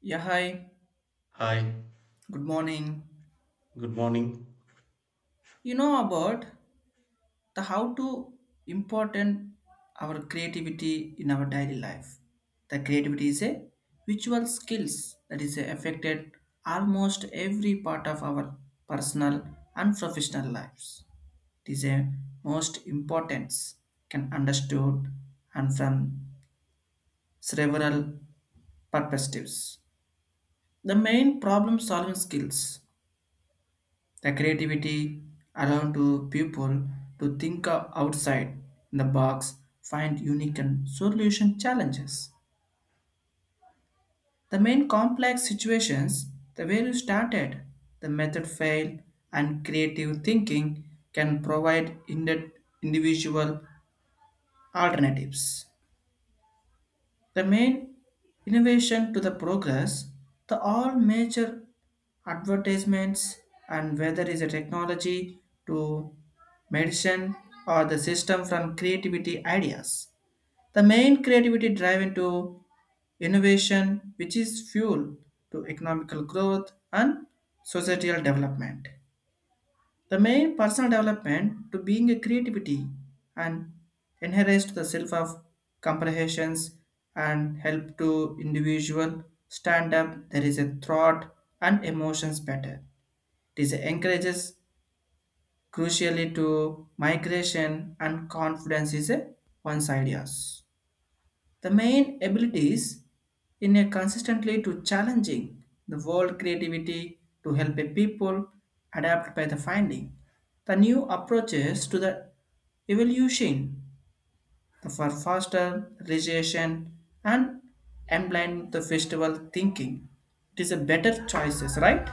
Yeah, hi. Hi, Good morning. good morning. You know about the how to important our creativity in our daily life. The creativity is a visual skills that is affected almost every part of our personal and professional lives. It is a most importance can understood and from several perspectives. The main problem solving skills, the creativity allowed to people to think outside the box, find unique and solution challenges. The main complex situations, the way you started, the method failed, and creative thinking can provide individual alternatives. The main innovation to the progress, the all major advertisements and whether is a technology to medicine or the system from creativity ideas. The main creativity drive into innovation which is fuel to economical growth and societal development. The main personal development to being a creativity and enhance the self of comprehensions and help to individual stand up. There is a thought and emotions better. It is encourages crucially to migration and confidence is a one's ideas. The main abilities in a consistently to challenging the world creativity to help a people adapt by the finding the new approaches to the evolution for faster realization and emblem the festival thinking. It is a better choices, right?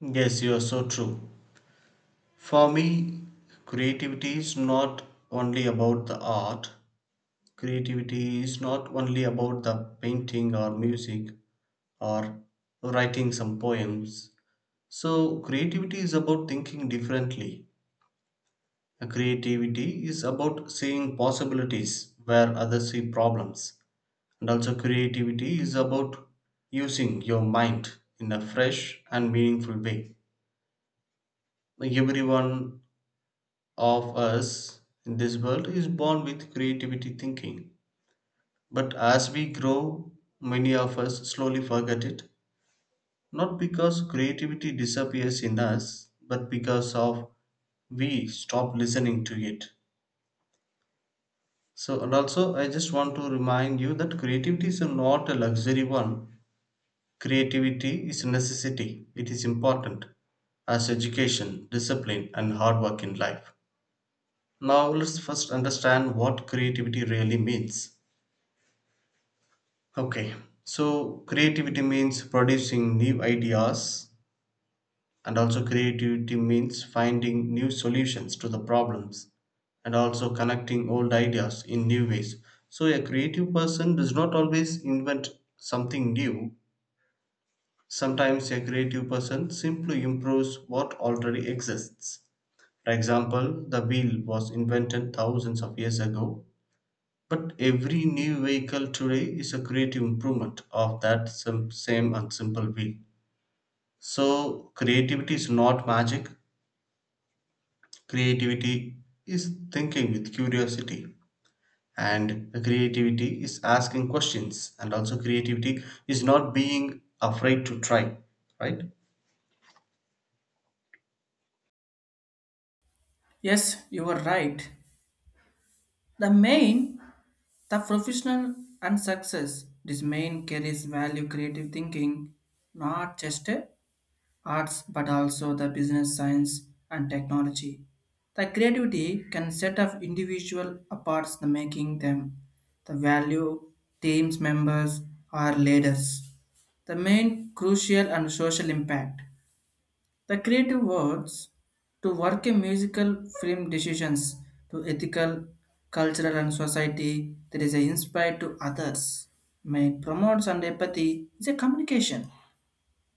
Yes, you are so true. For me, creativity is not only about the art, creativity is not only about the painting or music or writing some poems. So, creativity is about thinking differently. Creativity is about seeing possibilities where others see problems. And also, creativity is about using your mind in a fresh and meaningful way. Like everyone of us in this world is born with creativity thinking. But as we grow, many of us slowly forget it. Not because creativity disappears in us, but because of we stop listening to it. So, and also, I just want to remind you that creativity is not a luxury one. Creativity is a necessity. It is important as education, discipline, and hard work in life. Now let's first understand what creativity really means. Okay, so creativity means producing new ideas, and also creativity means finding new solutions to the problems and also connecting old ideas in new ways. So, a creative person does not always invent something new, sometimes, a creative person simply improves what already exists. For example, the wheel was invented thousands of years ago. But every new vehicle today is a creative improvement of that same and simple wheel. So, creativity is not magic, creativity is thinking with curiosity. And creativity is asking questions, and also creativity is not being afraid to try, right? Yes, you are right. The main, the professional and success, this main carries value creative thinking, not just a arts but also the business science and technology. The creativity can set off individual apart the making them the value teams members or leaders. The main crucial and social impact. The creative words to work in musical film decisions to ethical, cultural and society that is inspired to others. May promotes and empathy is a communication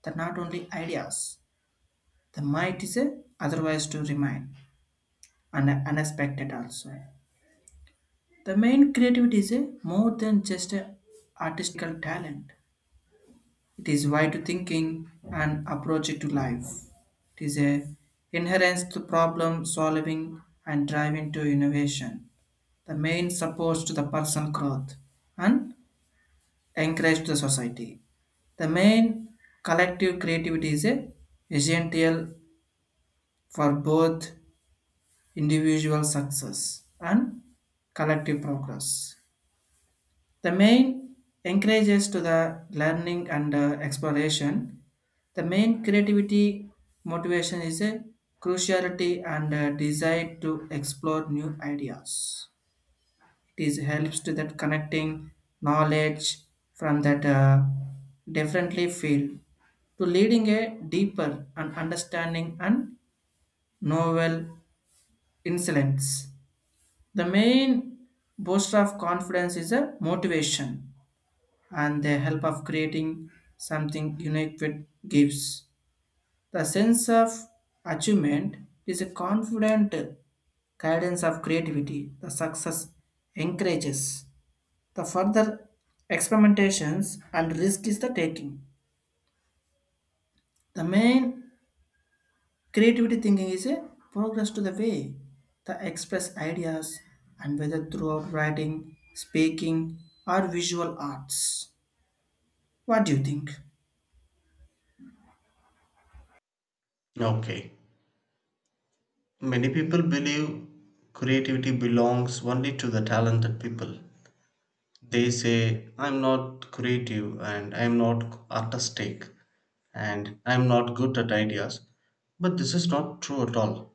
that not only ideas. The might is a otherwise to remain and unexpected also. The main creativity is a more than just a artistical talent. It is wide thinking and approach to life. It is a inherent to problem solving and driving to innovation. The main supports to the personal growth and encourage the society. The main collective creativity is a essential for both individual success and collective progress. The main encourages to the learning and exploration. The main creativity motivation is a cruciality and a desire to explore new ideas. It is helps to that connecting knowledge from that differently field to leading a deeper and understanding and novel insights. The main booster of confidence is a motivation and the help of creating something unique with gives. The sense of achievement is a confident guidance of creativity. The success encourages the further experimentations and risk is the taking. The main creativity thinking is a progress to the way the express ideas and whether throughout writing, speaking, or visual arts. What do you think? Okay. Many people believe creativity belongs only to the talented people. They say, I'm not creative and I'm not artistic and I'm not good at ideas. But this is not true at all.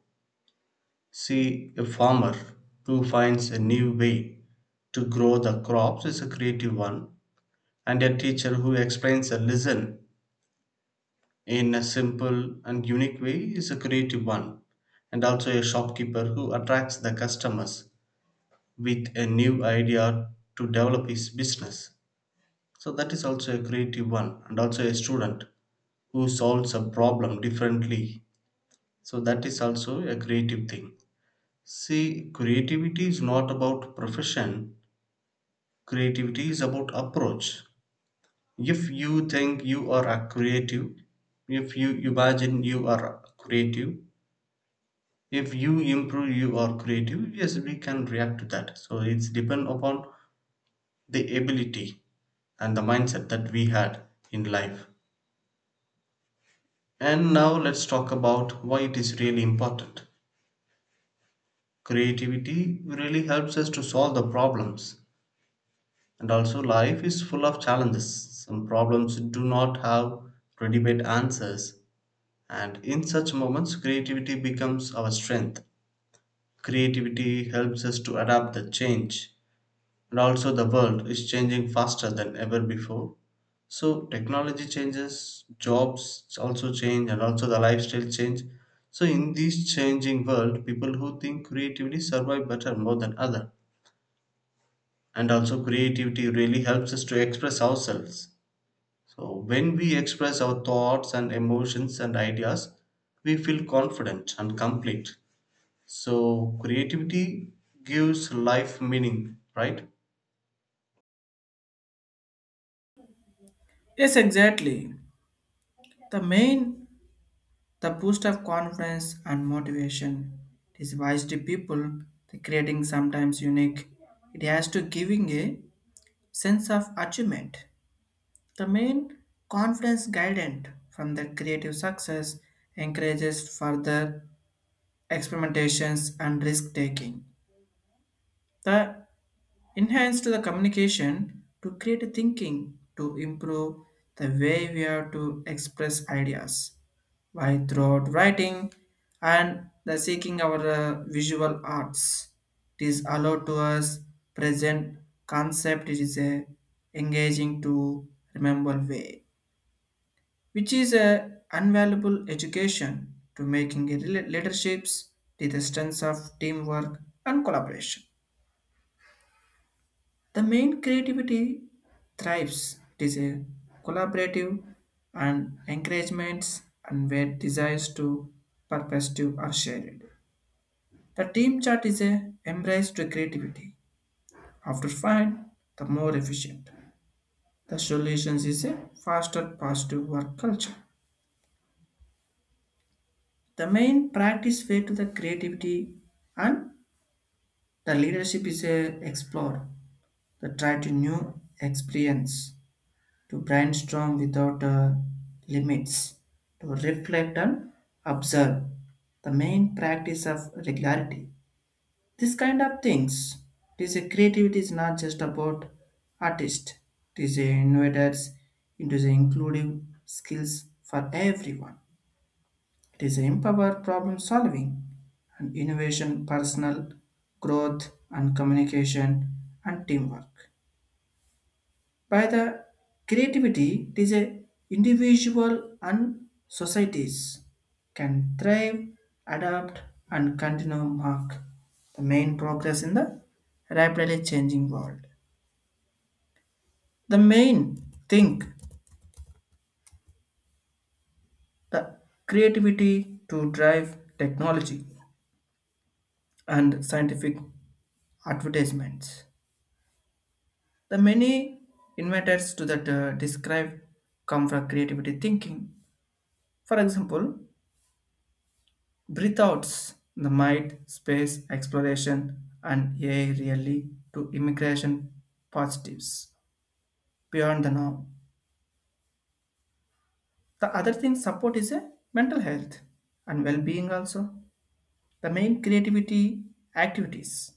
See, a farmer who finds a new way to grow the crops is a creative one, and a teacher who explains a lesson in a simple and unique way is a creative one, and also a shopkeeper who attracts the customers with a new idea to develop his business. So that is also a creative one, and also a student who solves a problem differently. So that is also a creative thing. See, creativity is not about profession, creativity is about approach. If you think you are a creative, if you imagine you are creative, if you improve you are creative, yes, we can react to that. So it's depend upon the ability and the mindset that we had in life. And now let's talk about why it is really important. Creativity really helps us to solve the problems. And also, life is full of challenges. Some problems do not have ready made answers. And in such moments, creativity becomes our strength. Creativity helps us to adapt the change. And also, the world is changing faster than ever before. So, technology changes, jobs also change, and also the lifestyle change. So, in this changing world, people who think creatively survive better more than other. And also, creativity really helps us to express ourselves. So, when we express our thoughts and emotions and ideas, we feel confident and complete. So, creativity gives life meaning, right? Yes, exactly. The main, the boost of confidence and motivation. It is wise to people, the creating sometimes unique. It has to giving a sense of achievement. The main confidence guidance from the creative success encourages further experimentations and risk taking. The enhance to the communication to create thinking to improve the way we are to express ideas by throughout writing and the seeking our visual arts. It is allowed to us present concept it is a engaging to remember way which is a invaluable education to making a leaderships to the strengths of teamwork and collaboration. The main creativity thrives. It is a collaborative and encouragements and where desires to purpose to are shared. The team chart is a embrace to creativity. After find the more efficient. The solutions is a faster positive work culture. The main practice way to the creativity and the leadership is a explore, the try to new experience, to brainstorm without limits, to reflect and observe. The main practice of regularity. This kind of things. It is a creativity is not just about artist. It is a innovators into the inclusive skills for everyone. It is empower problem solving and innovation, personal growth and communication and teamwork. By the creativity, it is a individual and societies can thrive, adapt and continue mark the main progress in the rapidly changing world. The main thing the creativity to drive technology and scientific advertisements. The many inventors to that describe come from creativity thinking. For example, breathe outs, the mind, space, exploration, and AI really to immigration positives beyond the norm. The other thing support is a mental health and well-being also. The main creativity activities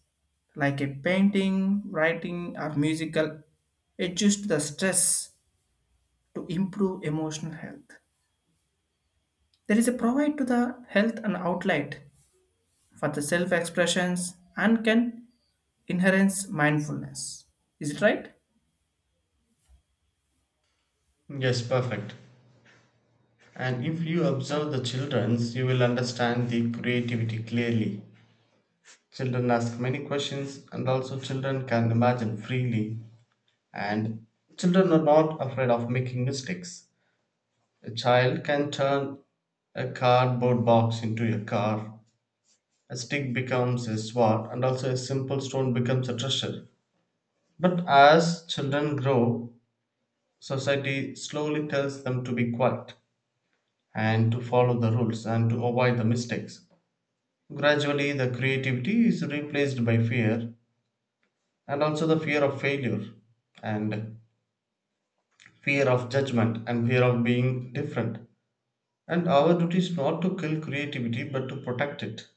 like a painting, writing, or musical adjust the stress to improve emotional health. There is a provide to the health and outlet for the self-expressions and can enhance mindfulness. Is it right? Yes, perfect. And if you observe the children's, you will understand the creativity clearly. Children ask many questions, and also children can imagine freely. And children are not afraid of making mistakes. A child can turn a cardboard box into a car, a stick becomes a sword, and also a simple stone becomes a treasure. But as children grow, society slowly tells them to be quiet and to follow the rules and to avoid the mistakes. Gradually, the creativity is replaced by fear, and also the fear of failure, and fear of judgment, and fear of being different. And our duty is not to kill creativity but to protect it.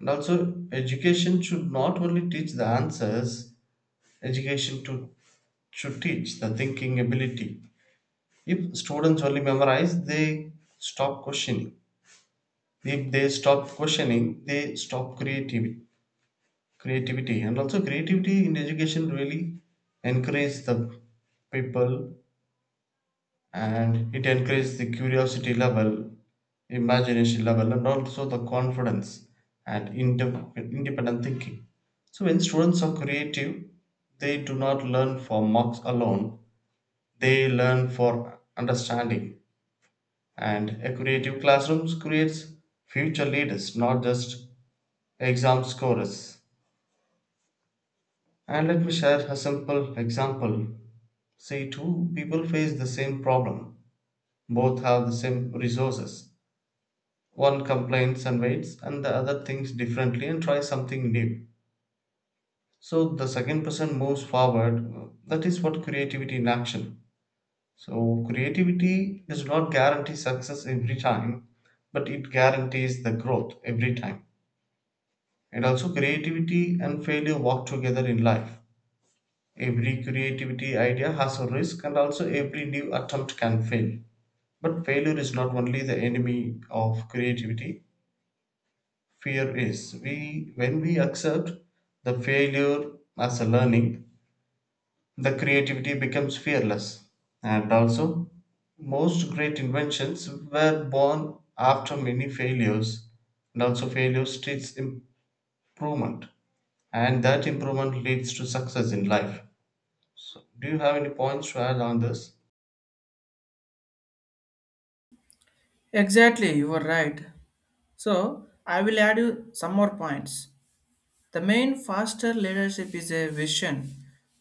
And also, education should not only teach the answers, education to, should teach the thinking ability. If students only memorize, they stop questioning. If they stop questioning, they stop creativity. Creativity and also creativity in education really encourages the people, and it encourages the curiosity level, imagination level, and also the confidence and independent thinking. So when students are creative, they do not learn for marks alone, they learn for understanding. And a creative classroom creates future leaders, not just exam scorers. And let me share a simple example. Say two people face the same problem. Both have the same resources. One complains and waits, and the other thinks differently and tries something new. So the second person moves forward. That is what creativity in action. So creativity does not guarantee success every time, but it guarantees the growth every time. And also, creativity and failure work together in life. Every creativity idea has a risk, and also every new attempt can fail. But failure is not only the enemy of creativity, fear is. We, when we accept the failure as a learning, the creativity becomes fearless. And also, most great inventions were born after many failures, and also, failure teaches improvement, and that improvement leads to success in life. So, do you have any points to add on this? Exactly, you are right. So I will add you some more points. The main faster leadership is a vision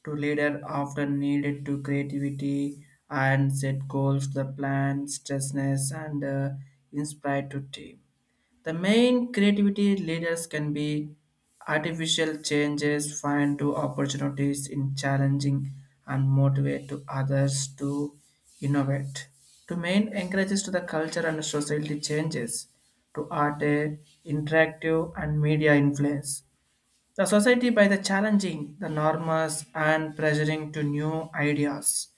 to leader often needed to creativity and set goals, the plan, stressness and inspire to team. The main creativity leaders can be artificial changes, find to opportunities in challenging and motivate to others to innovate. To main encourages to the culture and society changes to art, interactive and media influence the society by the challenging the norms and pressuring to new ideas.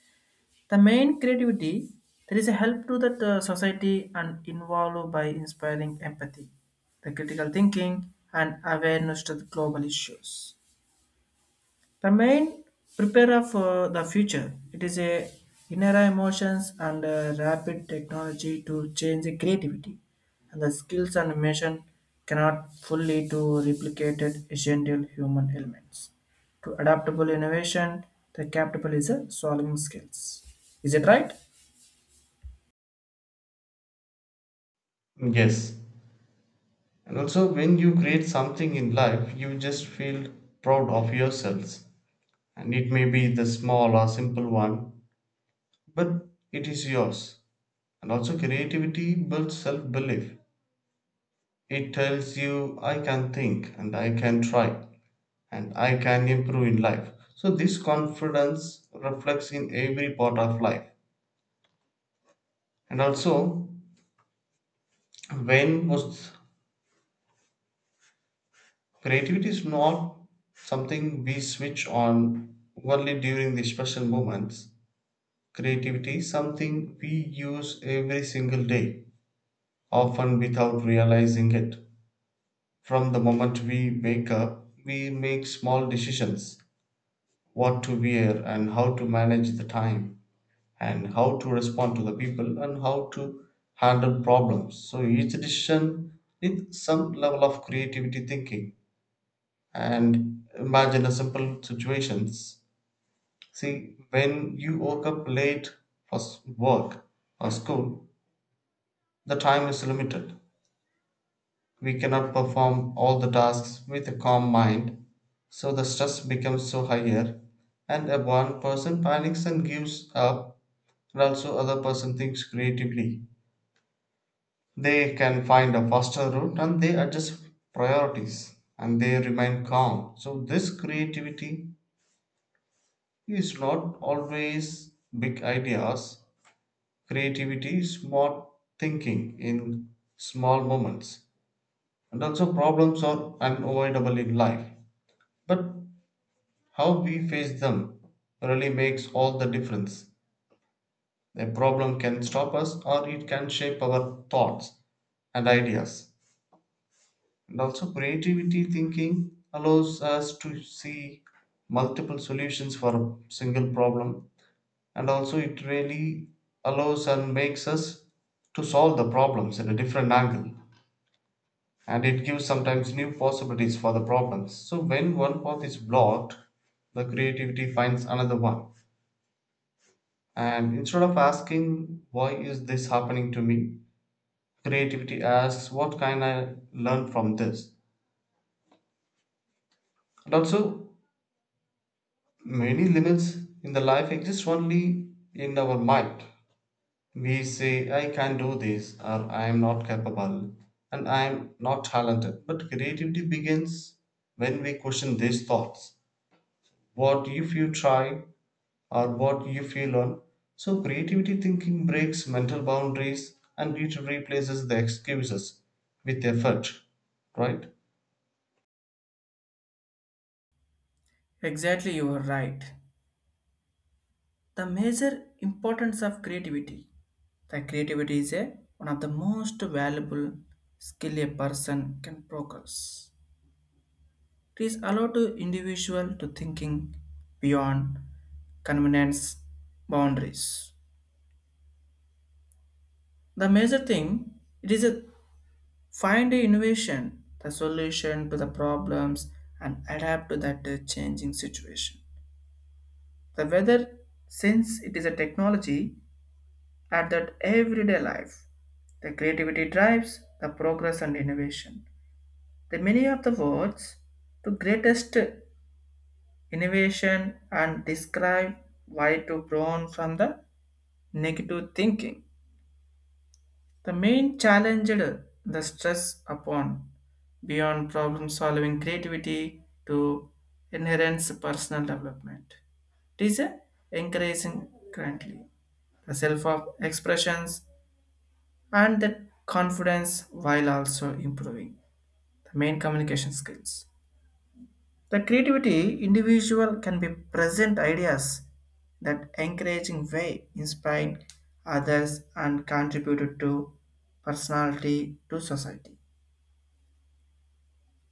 The main creativity there is a help to that society and involve by inspiring empathy, the critical thinking and awareness to the global issues. The main preparer for the future. It is a inner emotions and a rapid technology to change the creativity and the skills and mission cannot fully to replicated essential human elements. To adaptable innovation, the capable is a solving skills. Is it right? Yes. And also, when you create something in life, you just feel proud of yourselves. And it may be the small or simple one, but it is yours. And also, creativity builds self belief. It tells you, I can think and I can try and I can improve in life. So, this confidence reflects in every part of life. And also, when was Creativity is not something we switch on only during the special moments. Creativity is something we use every single day, often without realizing it. From the moment we wake up, we make small decisions what to wear and how to manage the time, and how to respond to the people, and how to handle problems. So each decision needs some level of creativity thinking, and imagine a simple situations. See when you woke up late for work or school, the time is limited, we cannot perform all the tasks with a calm mind, so the stress becomes so higher. And a one person panics and gives up, and also other person thinks creatively, they can find a faster route and they adjust priorities and they remain calm. So this creativity is not always big ideas. Creativity is smart thinking in small moments. And also, problems are unavoidable in life. But how we face them really makes all the difference. A problem can stop us or it can shape our thoughts and ideas. And also, creativity thinking allows us to see multiple solutions for a single problem, and also it really allows and makes us to solve the problems in a different angle, and it gives sometimes new possibilities for the problems. So when one path is blocked, the creativity finds another one. And instead of asking why is this happening to me, creativity asks what can I learn from this. And also, many limits in the life exist only in our mind. We say, I can do this, or I am not capable, and I am not talented. But creativity begins when we question these thoughts. What if you try, or what if you learn? So, creativity thinking breaks mental boundaries and it replaces the excuses with effort, right? Exactly, you are right. The major importance of creativity, the creativity is a, one of the most valuable skill a person can progress. It is allowed to individual to thinking beyond convenience boundaries. The major thing it is a find a innovation the solution to the problems and adapt to that changing situation, the weather since it is a technology at that everyday life. The creativity drives the progress and innovation. The meaning of the words, the greatest innovation and describe why to brown from the negative thinking. The main challenged the stress upon beyond problem solving creativity to inherent personal development. It is a encouraging currently. The self of expressions and that confidence while also improving the main communication skills. The creativity individual can be present ideas that encouraging way inspiring others and contributed to personality to society.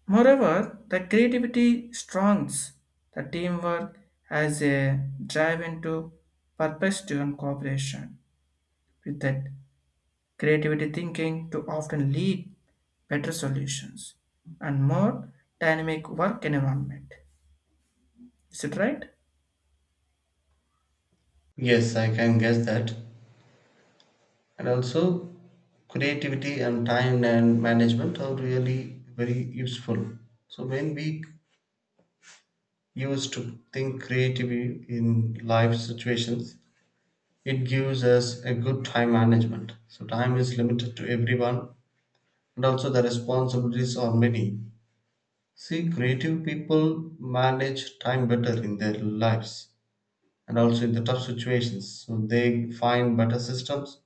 Moreover, the creativity strengths the teamwork as a drive into purpose driven cooperation with that creativity thinking to often lead better solutions and more dynamic work environment. Is it right? Yes, I can guess that. And also, creativity and time and management are really very useful. So, when we used to think creatively in life situations. It gives us a good time management. So, time is limited to everyone, and also the responsibilities are many. See, creative people manage time better in their lives and also in the tough situations. So, they find better systems,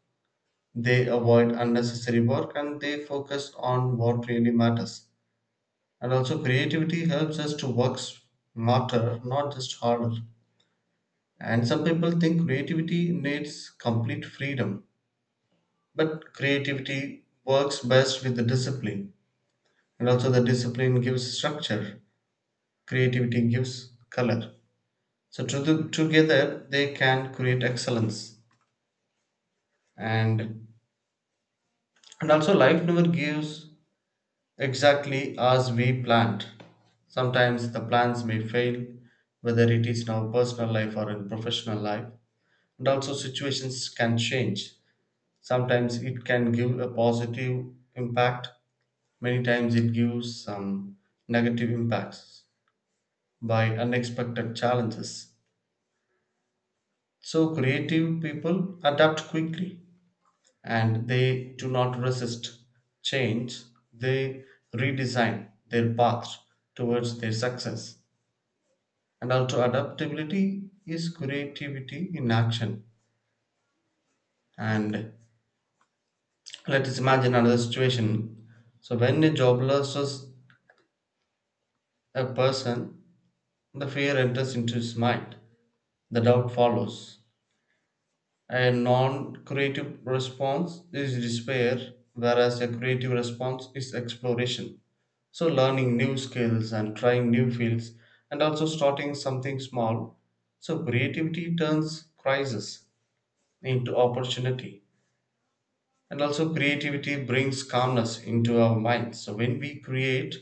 they avoid unnecessary work, and they focus on what really matters. And also, creativity helps us to work smarter, not just harder. And some people think creativity needs complete freedom, but creativity works best with the discipline, and also the discipline gives structure, creativity gives color. So to the, together they can create excellence, and and also life never gives exactly as we planned. Sometimes the plans may fail, whether it is in our personal life or in professional life, and also situations can change. Sometimes it can give a positive impact, many times it gives some negative impacts by unexpected challenges. So, creative people adapt quickly and they do not resist change, they redesign their path towards their success. And also, adaptability is creativity in action. And let us imagine another situation. So, when a job loses a person, the fear enters into his mind, the doubt follows. A non creative response is despair, whereas a creative response is exploration. So, learning new skills and trying new fields, and also starting something small. So, creativity turns crisis into opportunity, and also creativity brings calmness into our minds. So, when we create,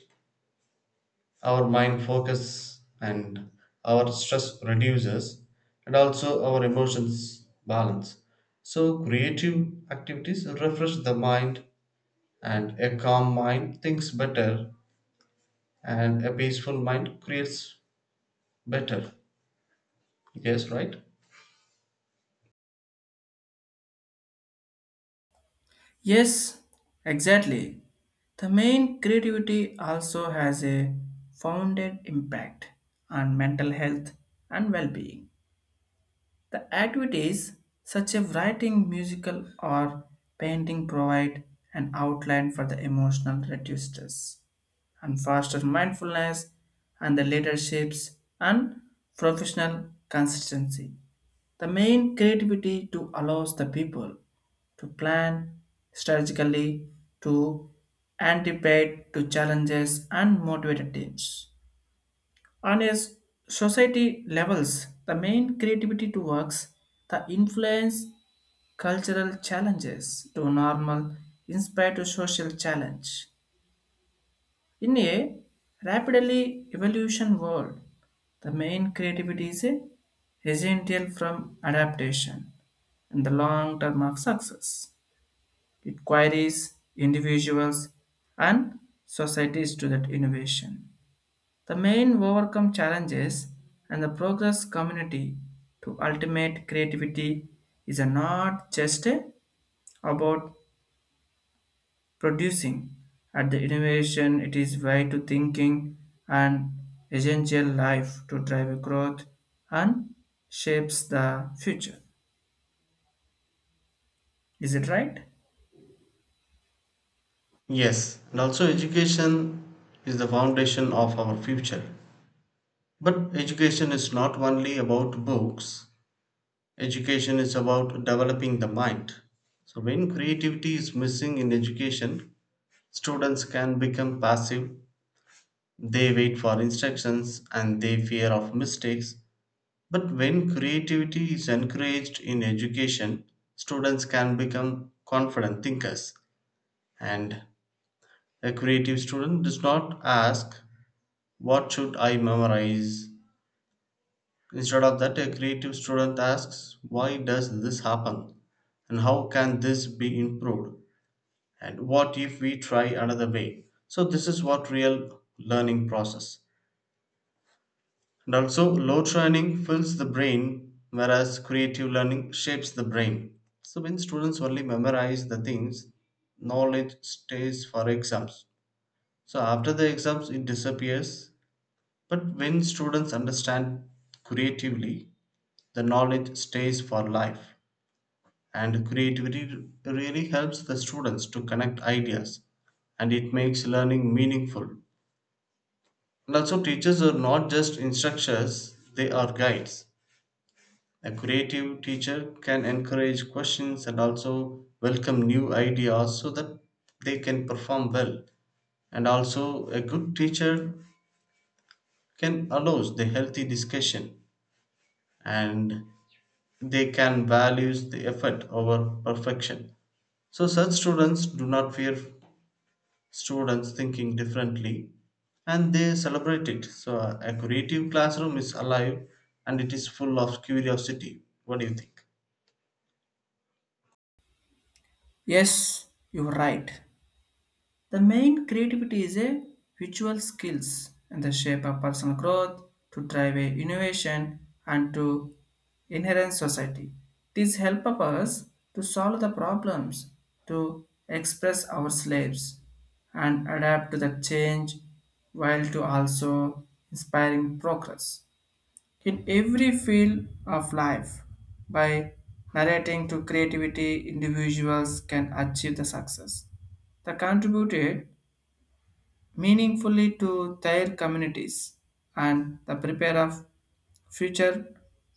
our mind focus and our stress reduces, and also our emotions balance. So creative activities refresh the mind, and a calm mind thinks better, and a peaceful mind creates better. Yes, right. Yes, exactly. The main creativity also has a founded impact on mental health and well-being. The activities such as writing, musical or painting provide an outline for the emotional reducers and foster mindfulness and the leaderships and professional consistency. The main creativity to allows the people to plan strategically, to anticipate to challenges and motivate teams. On a society levels, the main creativity to works, the influence cultural challenges to normal inspire to social challenge in a rapidly evolution world, the main creativity is a essential from adaptation and the long term of success. It queries individuals and societies to that innovation. The main overcome challenges and the progress community to ultimate creativity is not just about producing. At the innovation, it is way to thinking and essential life to drive growth and shapes the future. Is it right? Yes, and also education is the foundation of our future. But education is not only about books, education is about developing the mind. So, when creativity is missing in education, students can become passive. They wait for instructions and they fear of mistakes. But when creativity is encouraged in education, students can become confident thinkers. And a creative student does not ask, what should I memorize? Instead of that, a creative student asks, why does this happen? And how can this be improved? And what if we try another way? So, this is what real learning process. And also, load training fills the brain, whereas creative learning shapes the brain. So, when students only memorize the things, knowledge stays for exams. So, after the exams, it disappears. But when students understand creatively, the knowledge stays for life. And creativity really helps the students to connect ideas, and it makes learning meaningful. And also teachers are not just instructors, they are guides. A creative teacher can encourage questions and also welcome new ideas so that they can perform well. And also a good teacher can allows the healthy discussion, and they can values the effort over perfection. So such students do not fear students thinking differently, and they celebrate it. So a creative classroom is alive and it is full of curiosity. What do you think? Yes, you're right. The main creativity is a visual skills in the shape of personal growth to drive a innovation and to inherent society. These help of us to solve the problems, to express our slaves and adapt to the change while to also inspiring progress in every field of life by narrating to creativity individuals can achieve the success that contributed meaningfully to their communities and the prepare of future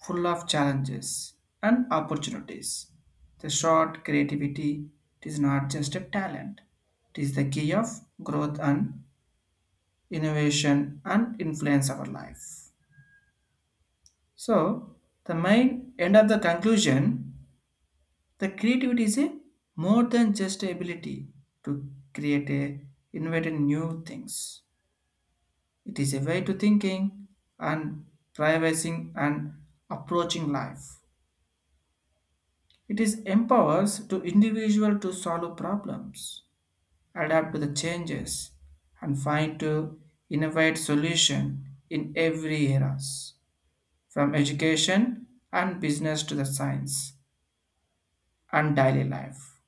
full of challenges and opportunities. The short creativity it is not just a talent. It is the key of growth and innovation and influence our life. So the main end of the conclusion, the creativity is a more than just ability to create a invent in new things. It is a way to thinking and privacy and approaching life. It is empowers to individual to solve problems, adapt to the changes, and find to innovate solution in every eras, from education and business to the science and daily life.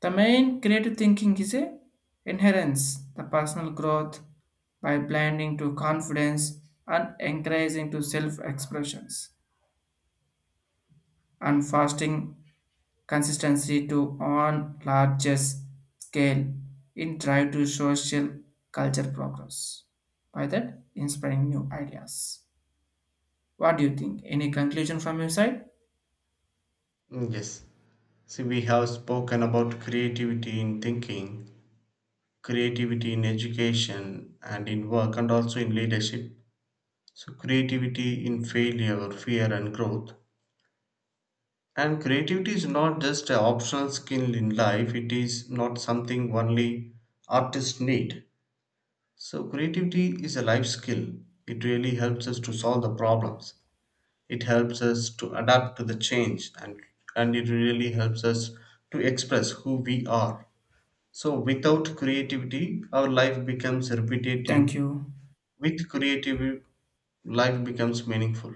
The main creative thinking is a inherence, the personal growth by blending to confidence and encouraging to self-expressions. And fasting consistency to on largest scale in drive to social culture progress. By that, inspiring new ideas. What do you think? Any conclusion from your side? Yes. See, we have spoken about creativity in thinking, creativity in education and in work, and also in leadership. So, creativity in failure, fear, and growth. And creativity is not just an optional skill in life, it is not something only artists need. So, creativity is a life skill. It really helps us to solve the problems. It helps us to adapt to the change and it really helps us to express who we are. So, without creativity, our life becomes repetitive. Thank you. With creativity, life becomes meaningful.